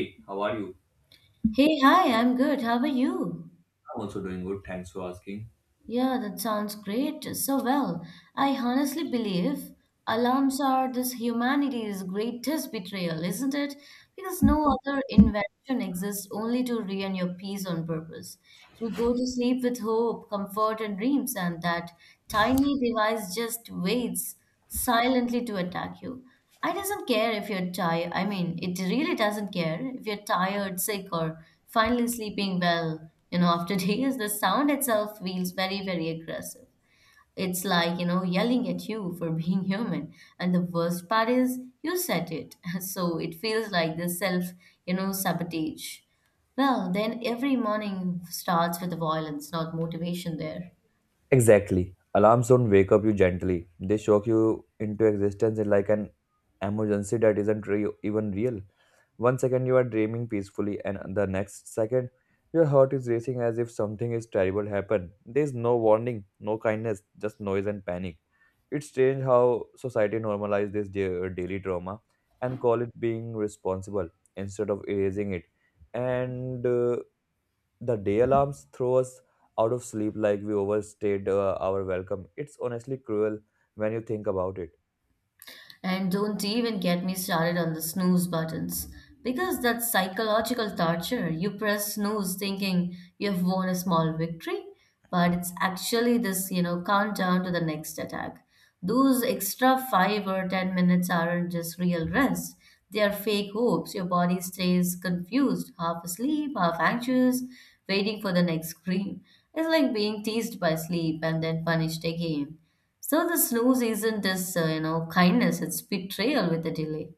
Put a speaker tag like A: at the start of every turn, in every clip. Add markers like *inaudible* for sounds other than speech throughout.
A: Hey, how are you?
B: Hey, hi, I'm good. How are you?
A: I'm also doing good. Thanks for asking.
B: Yeah, that sounds great. So well. I honestly believe alarms are this humanity's greatest betrayal, isn't it? Because no other invention exists only to ruin your peace on purpose. You go to sleep with hope, comfort, and dreams, and that tiny device just waits silently to attack you. I doesn't care if you're tired. I mean, it really doesn't care if you're tired, sick, or finally sleeping well. After *laughs* days, the sound itself feels very, very aggressive. It's like, yelling at you for being *laughs* human. And the worst part is, you said it. *laughs* So it feels like the self, sabotage. Well, then every morning starts with violence, not motivation there.
A: Exactly. Alarms don't wake up you gently. They shock you into existence in like an emergency that isn't even real. One second you are dreaming peacefully, and the next second your heart is racing as if something is terrible happened. There is no warning, no kindness, just noise and panic. It's strange how society normalizes this daily drama and call it being responsible instead of erasing it. And The day alarms throw us out of sleep like we overstayed our welcome. It's honestly cruel when you think about it.
B: And don't even get me started on the snooze buttons because that's psychological torture. You press snooze thinking you've won a small victory, but it's actually this, countdown to the next attack. Those extra 5 or 10 minutes aren't just real rest. They are fake hopes. Your body stays confused, half asleep, half anxious, waiting for the next scream. It's like being teased by sleep and then punished again. So the snooze isn't just, kindness, it's betrayal with a delay.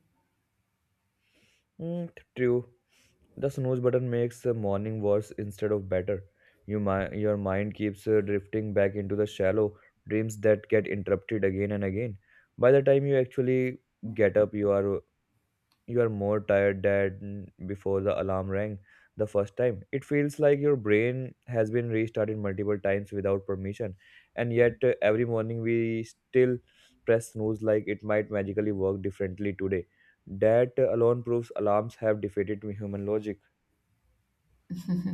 A: Mm, true. The snooze button makes the morning worse instead of better. You mi- your mind keeps drifting back into the shallow dreams that get interrupted again and again. By the time you actually get up, you are more tired than before the alarm rang the first time. It feels like your brain has been restarted multiple times without permission, and yet every morning we still press snooze like it might magically work differently today. That alone proves alarms have defeated human logic.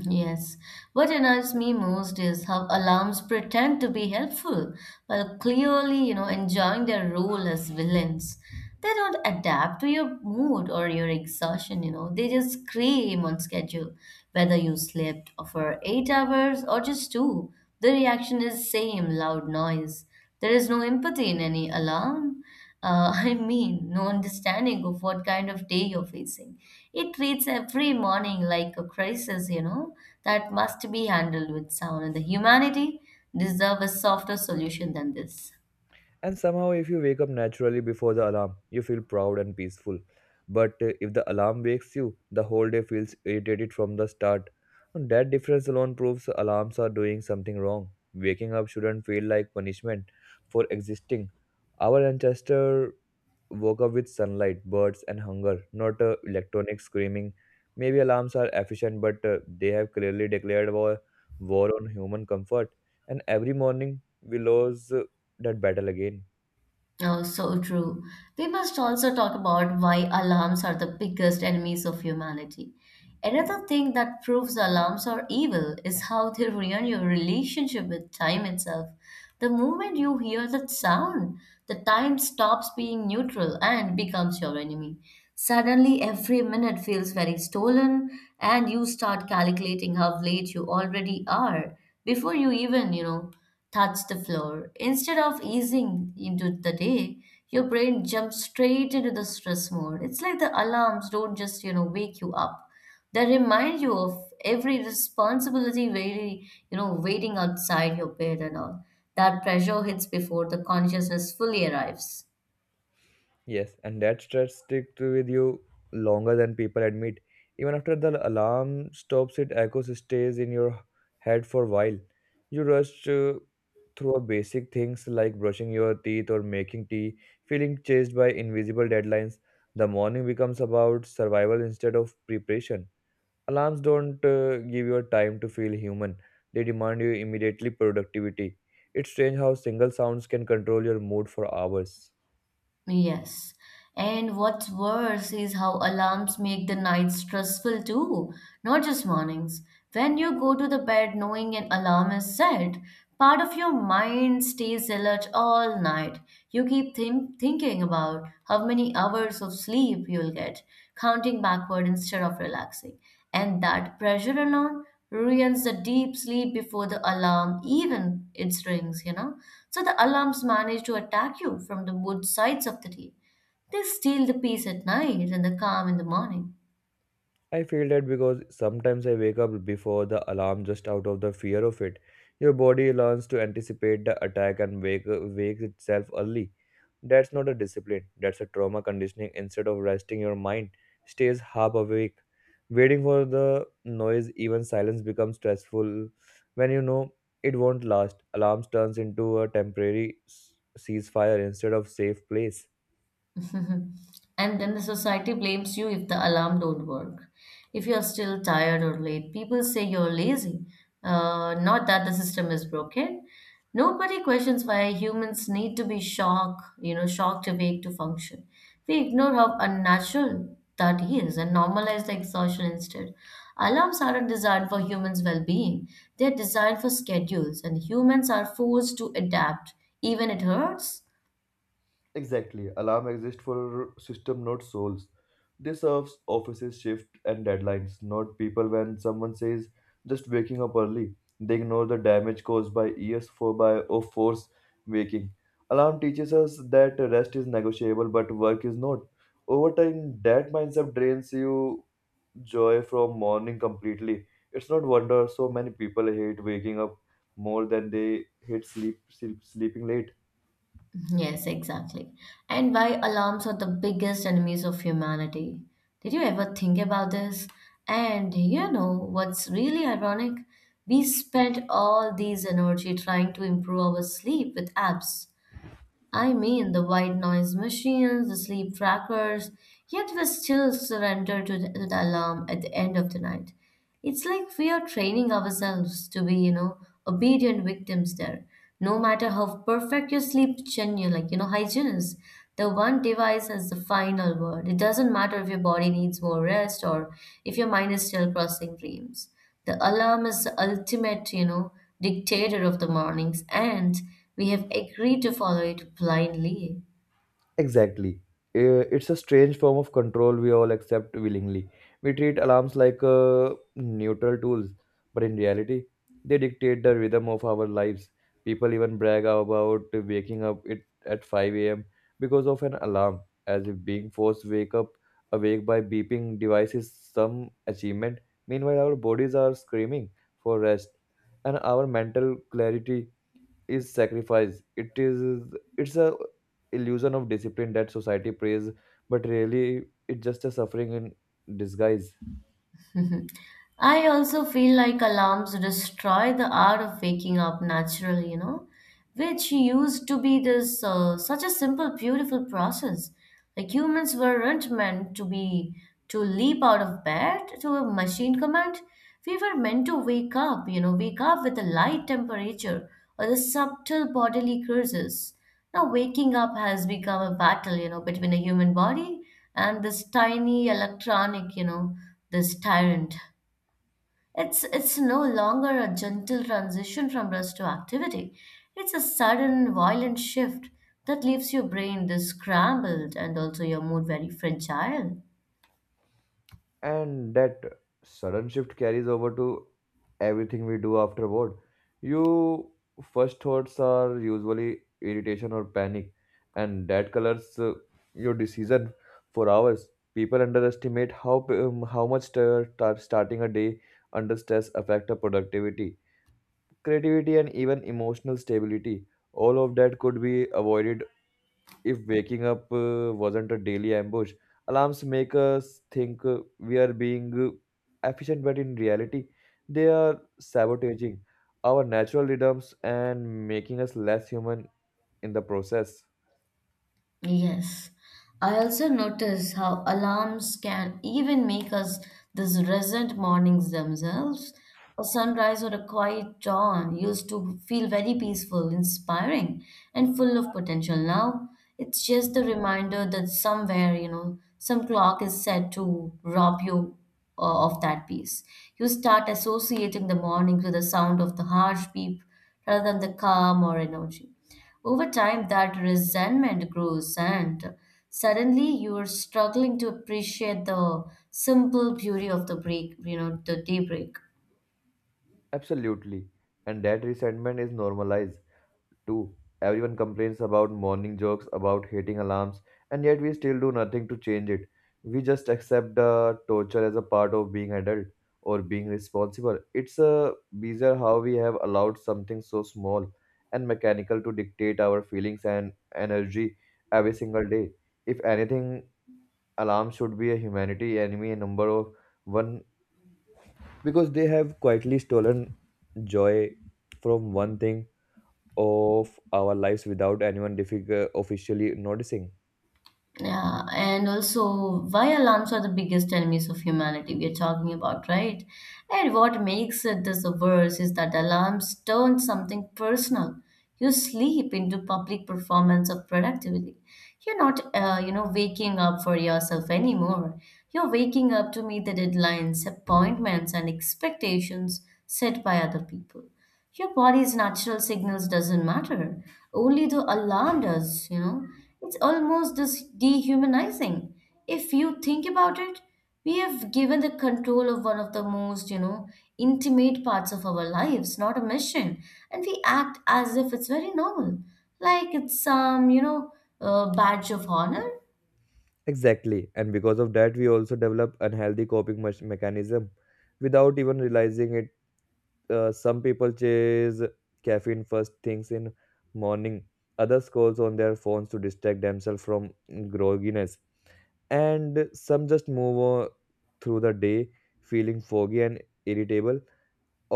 B: Yes. What annoys me most is how alarms pretend to be helpful while clearly, enjoying their role as villains. They don't adapt to your mood or your exhaustion. They just scream on schedule. Whether you slept for 8 hours or just two, the reaction is same loud noise. There is no empathy in any alarm. *laughs* I mean, no understanding of what kind of day you're facing. It treats every morning like a crisis, that must be handled with sound, and the humanity deserve a softer solution than this.
A: And somehow, if you wake up naturally before the alarm, you feel proud and peaceful. But if the alarm wakes you, the whole day feels irritated from the start. And that difference alone proves alarms are doing something wrong. Waking up shouldn't feel like punishment for existing. Our ancestor woke up with sunlight, birds, and hunger, not electronic screaming. Maybe alarms are efficient, but they have clearly declared war, war on human comfort. And every morning, we lose that battle again.
B: Oh, so true. We must also talk about why alarms are the biggest enemies of humanity. Another thing that proves alarms are evil is how they ruin your relationship with time itself. The moment you hear that sound, the time stops being neutral and becomes your enemy. Suddenly, every minute feels very stolen, and you start calculating how late you already are before you even, touch the floor. Instead of easing into the day, your brain jumps straight into the stress mode. It's like the alarms don't just, wake you up. They remind you of every responsibility waiting outside your bed and all. That pressure hits before the consciousness fully arrives.
A: Yes, and that stress sticks with you longer than people admit. Even after the alarm stops, it echoes stays in your head for a while. You rush through basic things like brushing your teeth or making tea, feeling chased by invisible deadlines. The morning becomes about survival instead of preparation. Alarms don't give you time to feel human; they demand you immediately productivity. It's strange how single sounds can control your mood for hours.
B: Yes. And what's worse is how alarms make the night stressful too, not just mornings. When you go to the bed knowing an alarm is set, part of your mind stays alert all night. You keep thinking about how many hours of sleep you'll get, counting backward instead of relaxing. And that pressure alone ruins the deep sleep before the alarm even it rings. So the alarms manage to attack you from the both sides of the day. They steal the peace at night and the calm in the morning.
A: I feel that because sometimes I wake up before the alarm just out of the fear of it. Your body learns to anticipate the attack and wakes itself early. That's not a discipline, that's a trauma conditioning. Instead of resting, your mind stays half awake. Waiting for the noise, even silence becomes stressful when you know it won't last. Alarms turns into a temporary ceasefire instead of safe place.
B: *laughs* And then the society blames you if the alarm don't work. If you are still tired or late, people say you're lazy. Not that the system is broken. Nobody questions why humans need to be shocked awake to function. We ignore how unnatural that is and normalize the exhaustion instead. Alarms aren't designed for humans' well-being. They're designed for schedules, and humans are forced to adapt, even it hurts.
A: Exactly. Alarm exist for system, not souls. They serves offices, shift, and deadlines, not people. When someone says just waking up early, they ignore the damage caused by years for by of force waking. Alarm teaches us that rest is negotiable, but work is not. Over time, that mindset drains you joy from morning completely. It's not wonder so many people hate waking up more than they hate sleep sleeping late.
B: Yes, exactly. And why alarms are the biggest enemies of humanity. Did you ever think about this? And you know what's really ironic? We spend all these energy trying to improve our sleep with apps, I mean, the white noise machines, the sleep trackers, yet we still surrender to the alarm at the end of the night. It's like we are training ourselves to be, obedient victims there. No matter how perfect your sleep schedule, like, hygiene is, the one device has the final word. It doesn't matter if your body needs more rest or if your mind is still crossing dreams. The alarm is the ultimate, dictator of the mornings, and we have agreed to follow it blindly.
A: Exactly. It's a strange form of control we all accept willingly. We treat alarms like neutral tools, but in reality, they dictate the rhythm of our lives. People even brag about waking up it at 5 a.m. because of an alarm, as if being forced wake up awake by beeping device is some achievement. Meanwhile, our bodies are screaming for rest, and our mental clarity is sacrifice. It's a illusion of discipline that society prays, but really it's just a suffering in disguise.
B: *laughs* I also feel like alarms destroy the art of waking up naturally, which used to be this such a simple, beautiful process. Like humans weren't meant to be to leap out of bed to a machine command. We were meant to wake up with a light temperature or the subtle bodily curses. Now, waking up has become a battle, between a human body and this tiny electronic, this tyrant. It's no longer a gentle transition from rest to activity. It's a sudden violent shift that leaves your brain this scrambled and also your mood very fragile.
A: And that sudden shift carries over to everything we do afterward. You first thoughts are usually irritation or panic, and that colors your decision for hours. People underestimate how much starting a day under stress affect our productivity creativity and even emotional stability all of that could be avoided if waking up wasn't a daily ambush alarms make us think we are being efficient but in reality they are sabotaging our natural rhythms and making us less human in the process
B: Yes, I also notice how alarms can even make us these resent mornings themselves. A sunrise or a quiet dawn used to feel very peaceful, inspiring, and full of potential. Now it's just a reminder that somewhere, some clock is set to rob you of that piece. You start associating the mornings with the sound of the harsh beep rather than the calm or energy. Over time, that resentment grows, and suddenly you are struggling to appreciate the simple beauty of the break, the daybreak.
A: absolutely and that resentment is normalized too. Everyone complains about morning jokes, about hating alarms, and yet we still do nothing to change it. We just accept the torture as a part of being adult or being responsible. It's a bizarre how we have allowed something so small and mechanical to dictate our feelings and energy every single day. If anything, alarms should be a humanity enemy number of one because they have quietly stolen joy from one thing of our lives without anyone officially noticing
B: Yeah, and also why alarms are the biggest enemies of humanity we are talking about, right? And what makes it this worse is that alarms turn something personal. You sleep into public performance of productivity. You're not, waking up for yourself anymore. You're waking up to meet the deadlines, appointments, and expectations set by other people. Your body's natural signals doesn't matter. Only the alarm does. It's almost this dehumanizing. If you think about it, we have given the control of one of the most, intimate parts of our lives, not a mission. And we act as if it's very normal, like it's some, badge of honor.
A: exactly and because of that we also develop unhealthy coping mechanism without even realizing it some people chase caffeine first things in morning others calls on their phones to distract themselves from grogginess and some just move on through the day feeling foggy and irritable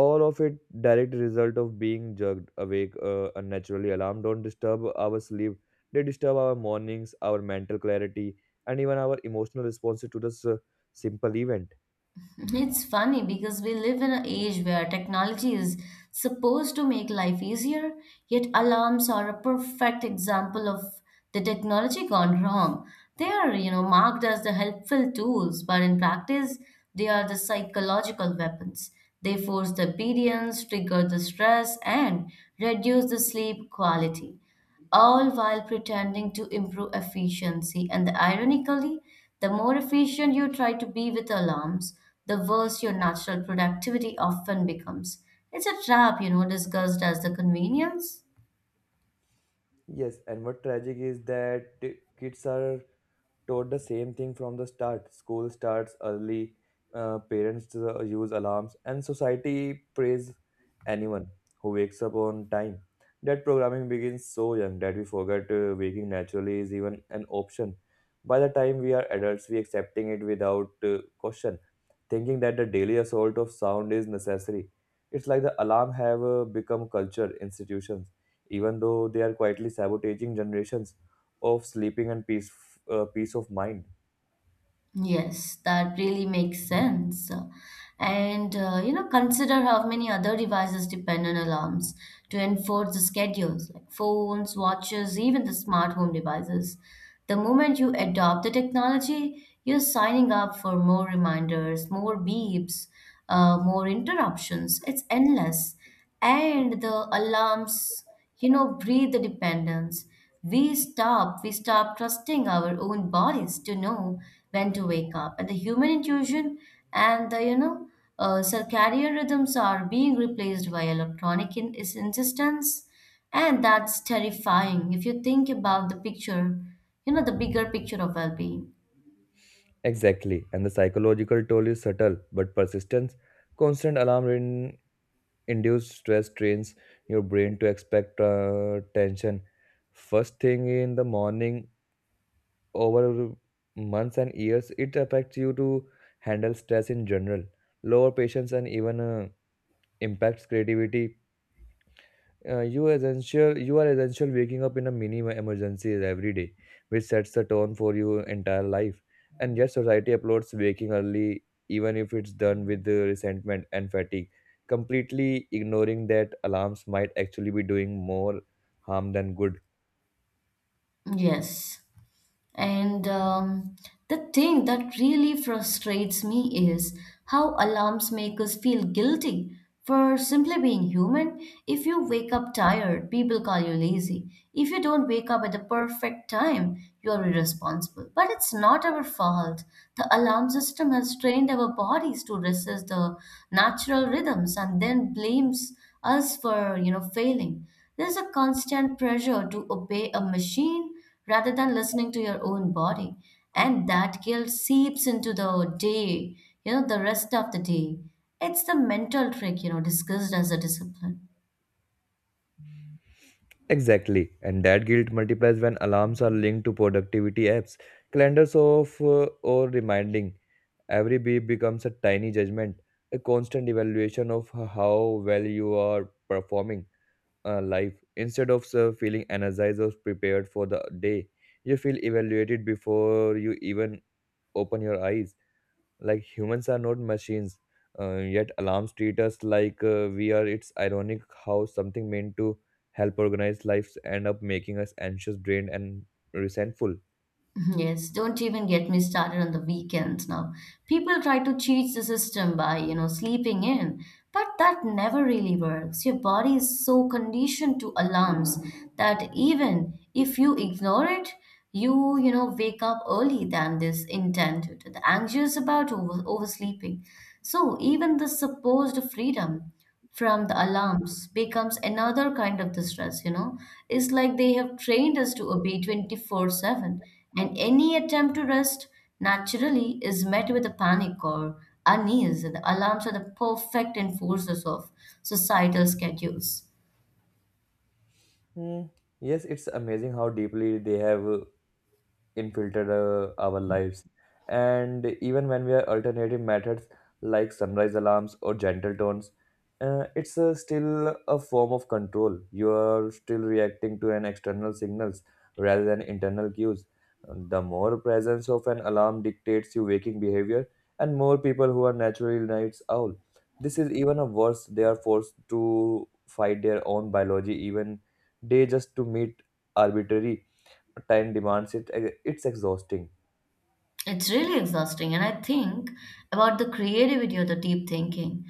A: all of it direct result of being jerked awake unnaturally alarm don't disturb our sleep they disturb our mornings our mental clarity and even our emotional responses to this simple event.
B: *laughs* It's funny because we live in an age where technology is supposed to make life easier, yet alarms are a perfect example of the technology gone wrong. They are, marked as the helpful tools, but in practice, they are the psychological weapons. They force the obedience, trigger the stress, and reduce the sleep quality all while pretending to improve efficiency. And ironically, the more efficient you try to be with alarms, the worse your natural productivity often becomes. It's a trap, disguised as the convenience.
A: Yes, and what tragic is that kids are taught the same thing from the start. School starts early, parents use alarms, and society praise anyone who wakes up on time. That programming begins so young that we forget waking naturally is even an option. By the time we are adults, we accepting it without question, thinking that the daily assault of sound is necessary. It's like the alarm have become culture institutions, even though they are quietly sabotaging generations of sleeping and peace, peace of mind.
B: Yes, that really makes sense. And consider how many other devices depend on alarms to enforce the schedules, like phones, watches, even the smart home devices. The moment you adopt the technology, you're signing up for more reminders, more beeps, more interruptions. It's endless, and the alarms breathe the dependence. We stop trusting our own bodies to know when to wake up, and the human intuition, and the circadian rhythms are being replaced by electronic insistence. And that's terrifying if you think about the picture, the bigger picture of well-being.
A: Exactly, and the psychological toll is subtle but persistent. Constant alarm in induced stress trains your brain to expect tension. First thing in the morning, over months and years, it affects you to handle stress in general, lower patience, and even impacts creativity. You essential you are essential waking up in a mini emergency every day, which sets the tone for your entire life. And yet society uploads waking early, even if it's done with the resentment and fatigue, completely ignoring that alarms might actually be doing more harm than good.
B: Yes. And the thing that really frustrates me is how alarms make us feel guilty for simply being human. If you wake up tired, people call you lazy. If you don't wake up at the perfect time, you are irresponsible. But it's not our fault. The alarm system has trained our bodies to resist the natural rhythms and then blames us for, failing. There's a constant pressure to obey a machine rather than listening to your own body. And that guilt seeps into the day, the rest of the day. It's the mental trick, discussed as a discipline.
A: Exactly, and that guilt multiplies when alarms are linked to productivity apps, calendars of or reminding. Every beep becomes a tiny judgment, a constant evaluation of how well you are performing life. Instead of feeling energized or prepared for the day, you feel evaluated before you even open your eyes. Like humans are not machines, yet alarms treat us like we are. It's ironic how something meant to help organize lives end up making us anxious, drained, and resentful.
B: Yes, don't even get me started on the weekends now. People try to cheat the system by, sleeping in, but that never really works. Your body is so conditioned to alarms that even if you ignore it, you, wake up early than this intended, the anxious about oversleeping. So even the supposed freedom from the alarms becomes another kind of the stress. It's like they have trained us to obey 24/7, and any attempt to rest naturally is met with a panic or unease. The alarms are the perfect enforcers of societal schedules.
A: Hmm. Yes, it's amazing how deeply they have infiltrate our lives. And even when we are alternative methods like sunrise alarms or gentle tones, it's still a form of control. You are still reacting to an external signals rather than internal cues. The more presence of an alarm dictates your waking behavior, and more people who are naturally nights owl. This is even a worse. They are forced to fight their own biology even day just to meet arbitrary time demands it's exhausting.
B: It's really exhausting, and I think about the creativity or the deep thinking.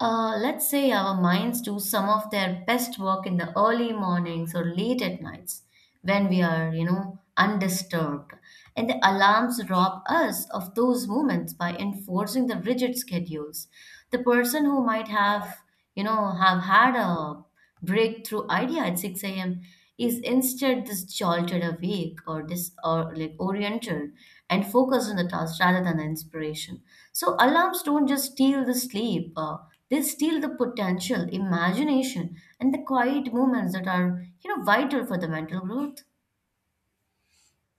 B: Let's say our minds do some of their best work in the early mornings or late at nights when we are, undisturbed. And the alarms rob us of those moments by enforcing the rigid schedules. The person who might have, have had a breakthrough idea at 6 a.m. is instead this jolted awake or this or like oriented and focused on the task rather than the inspiration. So alarms don't just steal the sleep, they steal the potential, imagination, and the quiet moments that are vital for the mental growth.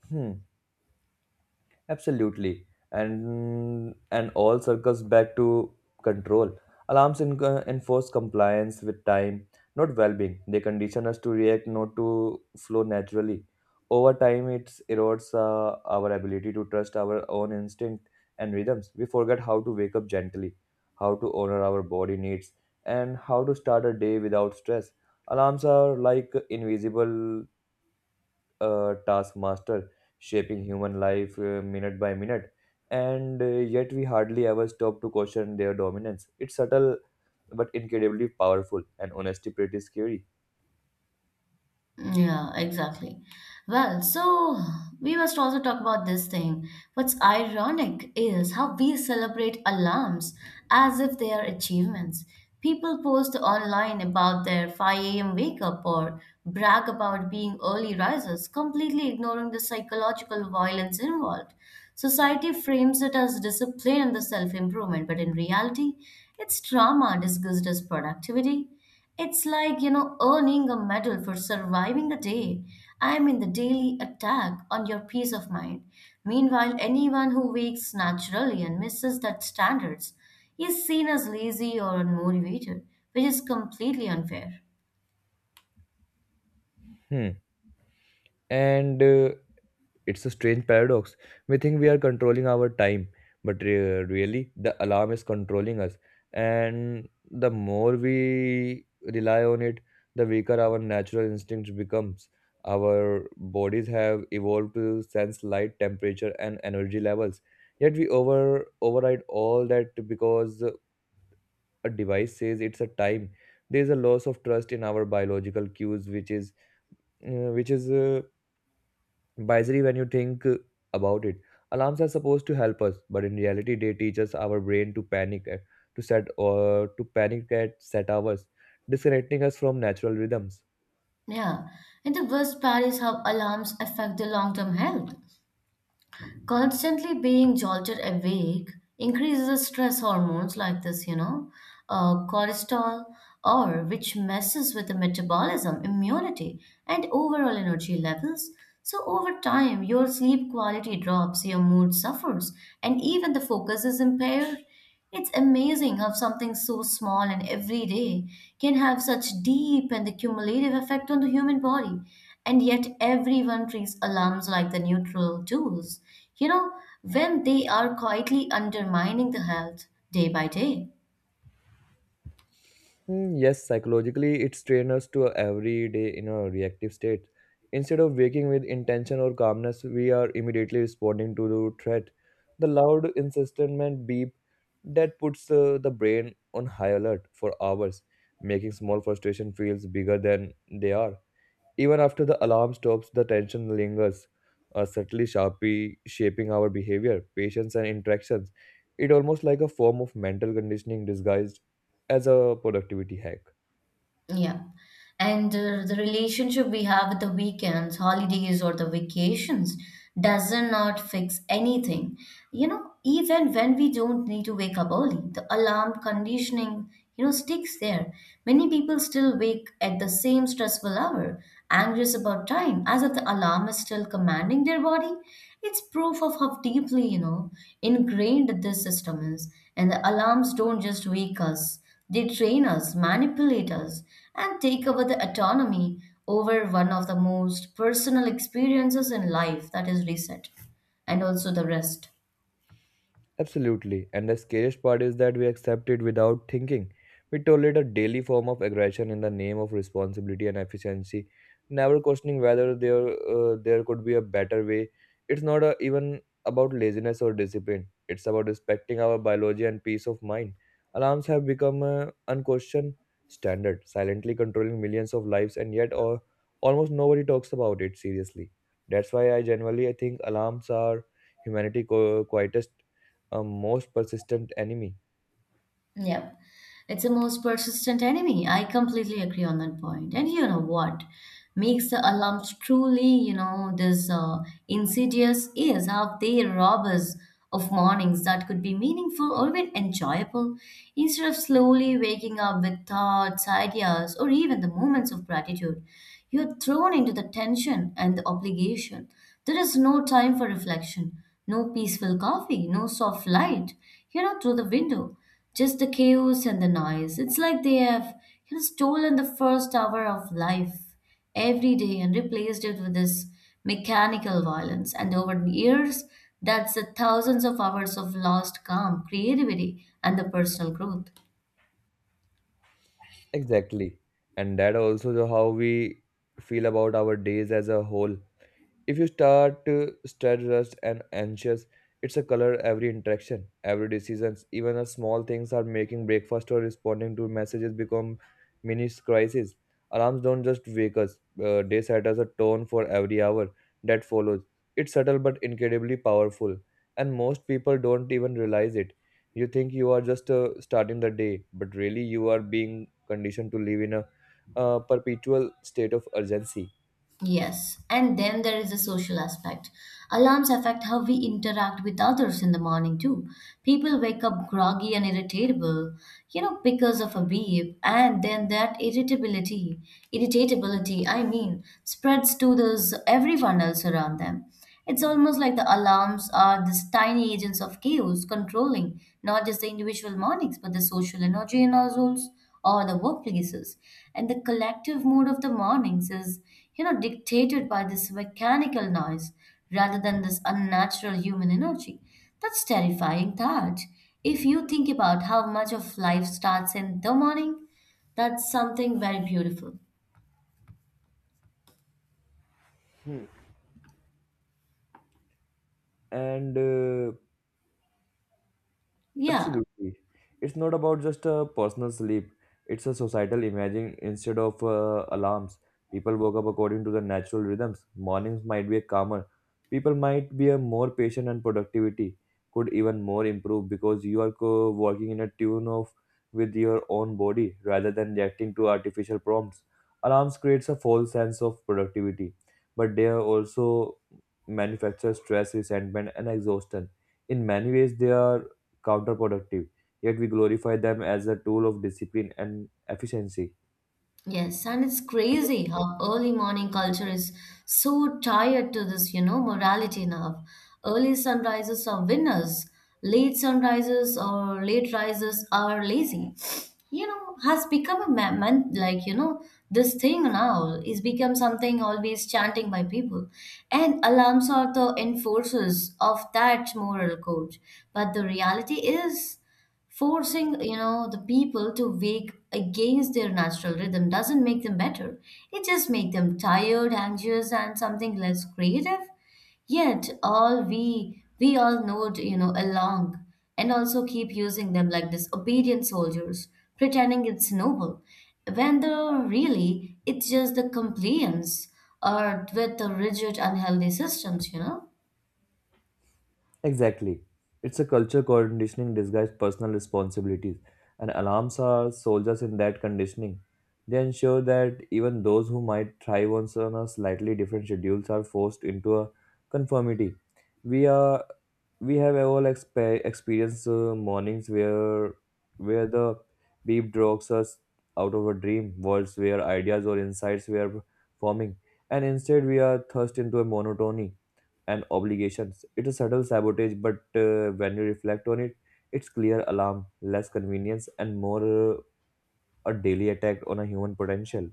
A: Hmm. Absolutely. And all circles back to control. Alarms enforce compliance with time, not well-being. They condition us to react, not to flow naturally. Over time, it erodes our ability to trust our own instinct and rhythms. We forget how to wake up gently, how to honor our body needs, and how to start a day without stress. Alarms are like invisible a taskmaster shaping human life minute by minute, and yet we hardly ever stop to question their dominance. It's subtle but incredibly powerful, and honesty pretty scary.
B: Yeah, exactly. Well, so we must also talk about this thing. What's ironic is how we celebrate alarms as if they are achievements. People post online about their 5 a.m. wake up or brag about being early risers, completely ignoring the psychological violence involved. Society frames it as discipline and the self improvement, but in reality, it's trauma disguised as productivity. It's like, you know, earning a medal for surviving the day. I mean, the daily attack on your peace of mind. Meanwhile, anyone who wakes naturally and misses that standards is seen as lazy or unmotivated, which is completely unfair.
A: Hmm. And It's a strange paradox. We think we are controlling our time, but really, the alarm is controlling us. And the more we rely on it, the weaker our natural instinct becomes. Our bodies have evolved to sense light, temperature, and energy levels. Yet we over override all that because a device says it's a time. There is a loss of trust in our biological cues, which is bizarre when you think about it. Alarms are supposed to help us, but in reality, they teach us our brain to to set or to panic at set hours, disconnecting us from natural rhythms.
B: Yeah, and the worst part is how alarms affect the long-term health. Constantly being jolted awake increases the stress hormones like this, cortisol, or which messes with the metabolism, immunity, and overall energy levels. So over time, your sleep quality drops, your mood suffers, and even the focus is impaired. It's amazing how something so small and everyday can have such deep and the cumulative effect on the human body. And yet everyone treats alarms like the neutral tools, you know, when they are quietly undermining the health day by day.
A: Hmm, yes, psychologically, it strains us to every day in a reactive state. Instead of waking with intention or calmness, we are immediately responding to the threat. The loud, insistent beep that puts the brain on high alert for hours, making small frustration feels bigger than they are. Even after the alarm stops, the tension lingers, subtly sharply shaping our behavior, patience, and interactions. It almost like a form of mental conditioning disguised as a productivity hack.
B: Yeah. And The relationship we have with the weekends, holidays, or the vacations does not fix anything. You know, even when we don't need to wake up early, the alarm conditioning, you know, sticks there. Many people still wake at the same stressful hour, anxious about time, as if the alarm is still commanding their body. It's proof of how deeply, you know, ingrained this system is. And the alarms don't just wake us. They train us, manipulate us, and take over the autonomy over one of the most personal experiences in life that is reset and also the rest.
A: Absolutely. And the scariest part is that we accept it without thinking. We tolerate a daily form of aggression in the name of responsibility and efficiency, never questioning whether there could be a better way. It's not a, even about laziness or discipline. It's about respecting our biology and peace of mind. Alarms have become an unquestioned standard, silently controlling millions of lives, and yet almost nobody talks about it seriously. That's why I generally I think alarms are humanity quietest a most persistent enemy.
B: Yep. It's the most persistent enemy. I completely agree on that point. And you know what makes the alarms truly, you know, this insidious is how they rob us of mornings that could be meaningful or even enjoyable. Instead of slowly waking up with thoughts, ideas, or even the moments of gratitude, you're thrown into the tension and the obligation. There is no time for reflection, no peaceful coffee, no soft light, you know, through the window. Just the chaos and the noise. It's like they have stolen the first hour of life every day and replaced it with this mechanical violence. And over the years, that's the thousands of hours of lost calm, creativity, and the personal growth.
A: Exactly. And that also the how we feel about our days as a whole. If you start stressed and anxious, it's a color every interaction, every decisions, even a small things are making breakfast or responding to messages become mini crises. Alarms don't just wake us; they set us a tone for every hour that follows. It's subtle but incredibly powerful, and most people don't even realize it. You think you are just starting the day, but really you are being conditioned to live in a perpetual state of urgency.
B: Yes, and then there is the social aspect. Alarms affect how we interact with others in the morning too. People wake up groggy and irritable, you know, because of a beep, and then that irritability, spreads to those everyone else around them. It's almost like the alarms are these tiny agents of chaos controlling not just the individual mornings but the social energy in our souls or the workplaces. And the collective mood of the mornings is, you know, dictated by this mechanical noise rather than this unnatural human energy. That's terrifying thought. If you think about how much of life starts in the morning, that's something very beautiful.
A: Hmm. And
B: Yeah.
A: Absolutely. It's not about just a personal sleep, it's a societal imaging instead of alarms. People woke up according to the natural rhythms. Mornings might be calmer. People might be a more patient and productivity could even more improve because you are working in a tune of with your own body rather than reacting to artificial prompts. Alarms creates a false sense of productivity, but they are also manufacture stress, resentment, and exhaustion. In many ways, they are counterproductive, yet we glorify them as a tool of discipline and efficiency.
B: Yes, and it's crazy how early morning culture is so tied to this, you know, morality now. Early sunrises are winners, late sunrises or late rises are lazy. You know, has become a man, man like, you know, this thing now is become something always chanting by people. And alarms are the enforcers of that moral code. But the reality is, forcing, you know, the people to wake against their natural rhythm doesn't make them better. It just makes them tired, anxious, and something less creative. Yet all we all nod, you know, along and also keep using them like disobedient soldiers, pretending it's noble, when the really it's just the compliance or with the rigid, unhealthy systems, you know.
A: Exactly. It's a culture conditioning disguised personal responsibilities, and alarms are soldiers in that conditioning. They ensure that even those who might thrive on on a slightly different schedules are forced into a conformity. We are we have all experienced mornings where the beep drags us out of a dream worlds where ideas or insights were forming, and instead we are thrust into a monotony and obligations. It is subtle sabotage, but when you reflect on it, it's clear alarm less convenience and more a daily attack on a human potential.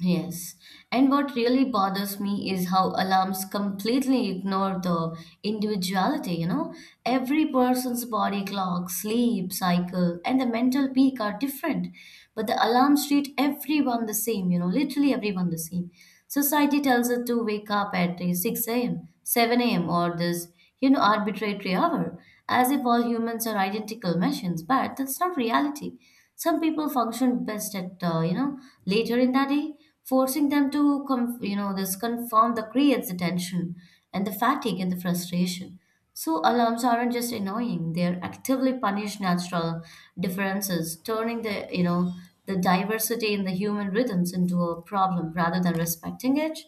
B: Yes. And what really bothers me is how alarms completely ignore the individuality, you know? Every person's body clock, sleep cycle, and the mental peak are different. But the alarms treat everyone the same, you know, literally everyone the same. Society tells us to wake up at 6 a.m., 7 a.m., or this you know, arbitrary hour, as if all humans are identical machines, but that's not reality. Some people function best at, you know, later in the day, forcing them to, you know, this conform that creates the tension and the fatigue and the frustration. So alarms aren't just annoying; they are actively punish natural differences, turning the, you know, the diversity in the human rhythms into a problem rather than respecting it.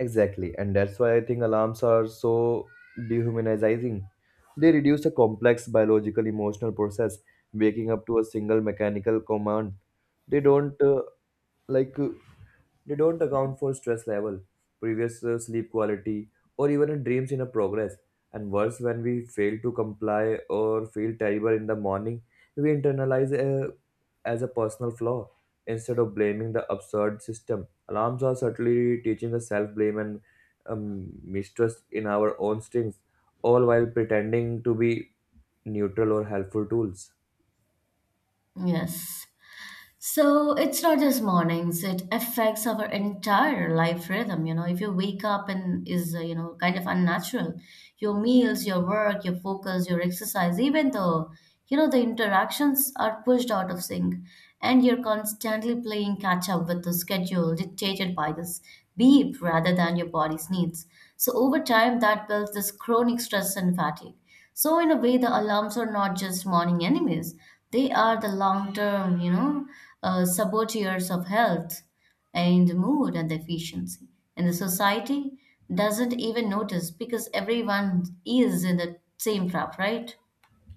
A: Exactly, and that's why I think alarms are so dehumanizing. They reduce a complex biological emotional process, waking up to a single mechanical command. They don't uh, like uh, they don't account for stress level, previous sleep quality, or even a dreams in a progress. And worse, when we fail to comply or feel terrible in the morning, we internalize a as a personal flaw instead of blaming the absurd system. Alarms are certainly teaching the self blame and mistrust in our own strengths, all while pretending to be neutral or helpful tools.
B: Yes. So it's not just mornings, it affects our entire life rhythm. You know, if you wake up and is, you know, kind of unnatural, your meals, your work, your focus, your exercise, even though you know, the interactions are pushed out of sync. And you're constantly playing catch up with the schedule dictated by this beep rather than your body's needs. So over time, that builds this chronic stress and fatigue. So in a way, the alarms are not just morning enemies; they are the long-term, saboteurs of health and mood and efficiency. And the society doesn't even notice because everyone is in the same trap, right?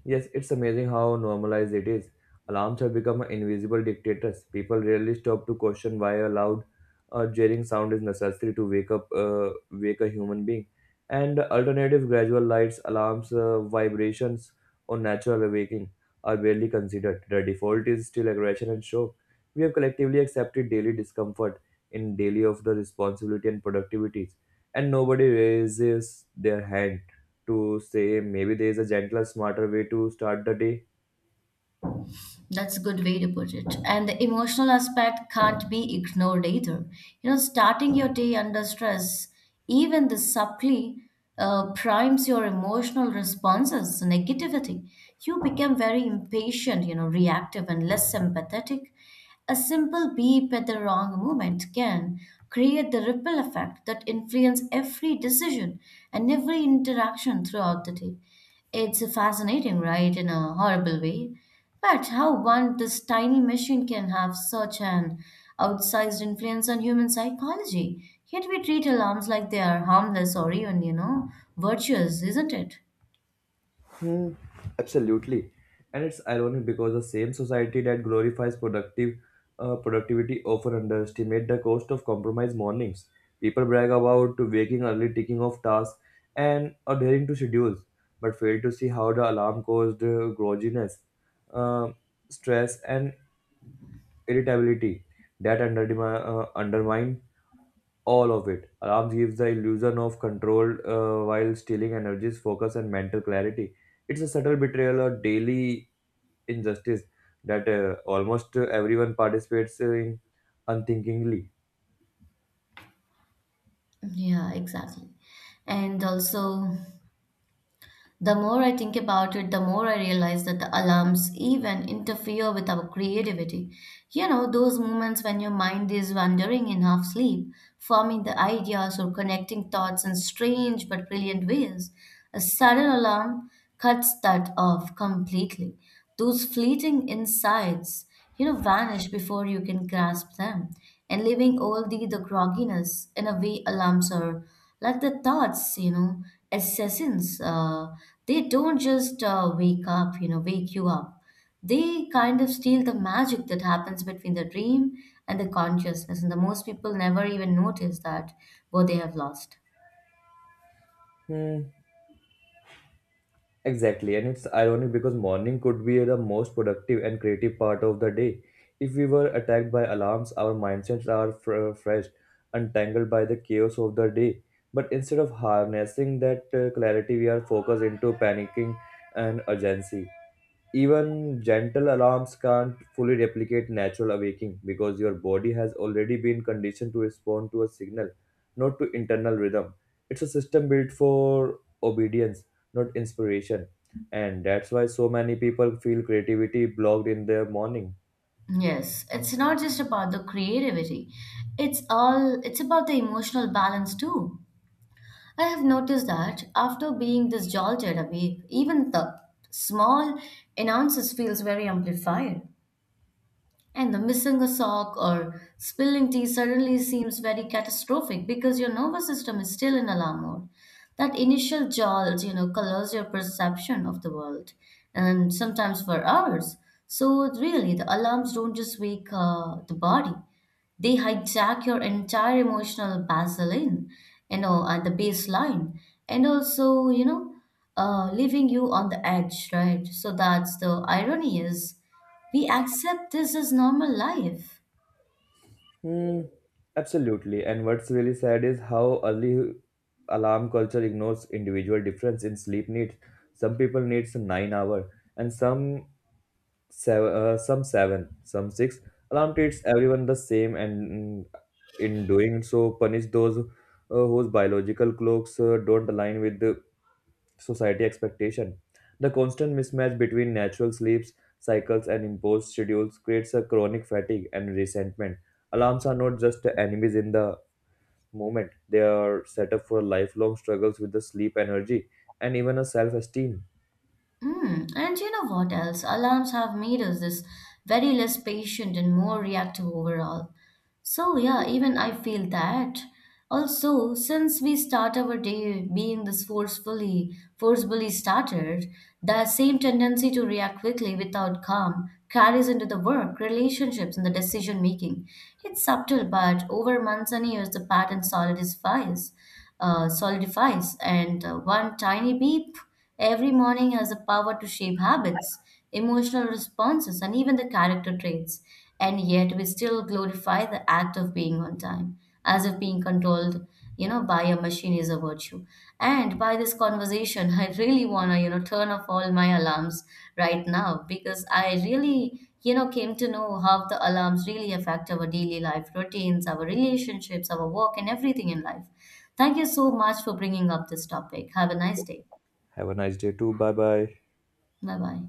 A: Yes, it's amazing how normalized it is. Alarms have become invisible dictators. People rarely stop to question why a loud, jarring sound is necessary to wake up, wake a human being. And alternative gradual lights, alarms, vibrations, or natural awaking are barely considered. The default is still aggression and show. We have collectively accepted daily discomfort in daily of the responsibility and productivities, and nobody raises their hand to say maybe there is a gentler, smarter way to start the day?
B: That's a good way to put it. And the emotional aspect can't be ignored either. You know, starting your day under stress, even the subtly, primes your emotional responses, negativity. You become very impatient, you know, reactive and less sympathetic. A simple beep at the wrong moment can create the ripple effect that influence every decision and every interaction throughout the day. It's fascinating, right, in a horrible way. But how one this tiny machine can have such an outsized influence on human psychology? Yet we treat alarms like they are harmless or even, you know, virtuous, isn't it?
A: Hmm, absolutely. And it's ironic because the same society that glorifies productive productivity often underestimate the cost of compromise mornings. People brag about waking early, ticking off tasks, and adhering to schedules, but fail to see how the alarm caused grogginess, uh, stress, and irritability that undermine all of it. Alarms gives the illusion of control while stealing energies, focus, and mental clarity. It's a subtle betrayal or daily injustice that almost everyone participates in unthinkingly.
B: Yeah, exactly. And also, the more I think about it, the more I realize that the alarms even interfere with our creativity. You know, those moments when your mind is wandering in half sleep, forming the ideas or connecting thoughts in strange but brilliant ways. A sudden alarm cuts that off completely. Those fleeting insights you know, vanish before you can grasp them, and leaving only the grogginess and away alarms or like the thoughts, you know, assassins. They don't just wake you up. They kind of steal the magic that happens between the dream and the consciousness, and the most people never even notice that what they have lost.
A: Hmm. Exactly, and it's ironic because morning could be the most productive and creative part of the day. If we were attacked by alarms, our mindsets are fresh, untangled by the chaos of the day. But instead of harnessing that clarity, we are focused into panicking and urgency. Even gentle alarms can't fully replicate natural awaking because your body has already been conditioned to respond to a signal, not to internal rhythm. It's a system built for obedience, not inspiration. And that's why so many people feel creativity blocked in their morning.
B: Yes, it's not just about the creativity. It's about the emotional balance too. I have noticed that after being this jolted awake, even the small announces feels very amplified. And the missing a sock or spilling tea suddenly seems very catastrophic because your nervous system is still in alarm mode. That initial jolt, you know, colors your perception of the world and sometimes for hours. So, really, the alarms don't just wake the body, they hijack your entire emotional baseline, you know, at the baseline, and also, leaving you on the edge, right? So that's the irony is we accept this as normal life.
A: Hmm, absolutely. And what's really sad is how early alarm culture ignores individual difference in sleep needs. Some people need 9 hours hour, and some seven, some six. Alam treats everyone the same, and in doing so, punish those whose biological clocks don't align with the society expectation. The constant mismatch between natural sleeps cycles and imposed schedules creates a chronic fatigue and resentment. Alarms are not just enemies in the moment; they are set up for lifelong struggles with the sleep energy and even a self-esteem.
B: Mm, and you know what else? Alarms have made us this very less patient and more reactive overall. So yeah, even I feel that. Also, since we start our day being this forcefully started, the same tendency to react quickly without calm carries into the work, relationships, and the decision making. It's subtle, but over months and years, the pattern solidifies, and one tiny beep every morning has the power to shape habits, emotional responses, and even the character traits. And yet we still glorify the act of being on time, as if being controlled, you know, by a machine is a virtue. And by this conversation, *laughs* I really wanna, you know, turn off all my alarms right now because I really, you know, came to know how the alarms really affect our daily life routines, our relationships, our work, and everything in life. Thank you so much for bringing up this topic. Have a nice day.
A: Have a nice day too. Bye bye.
B: 拜拜。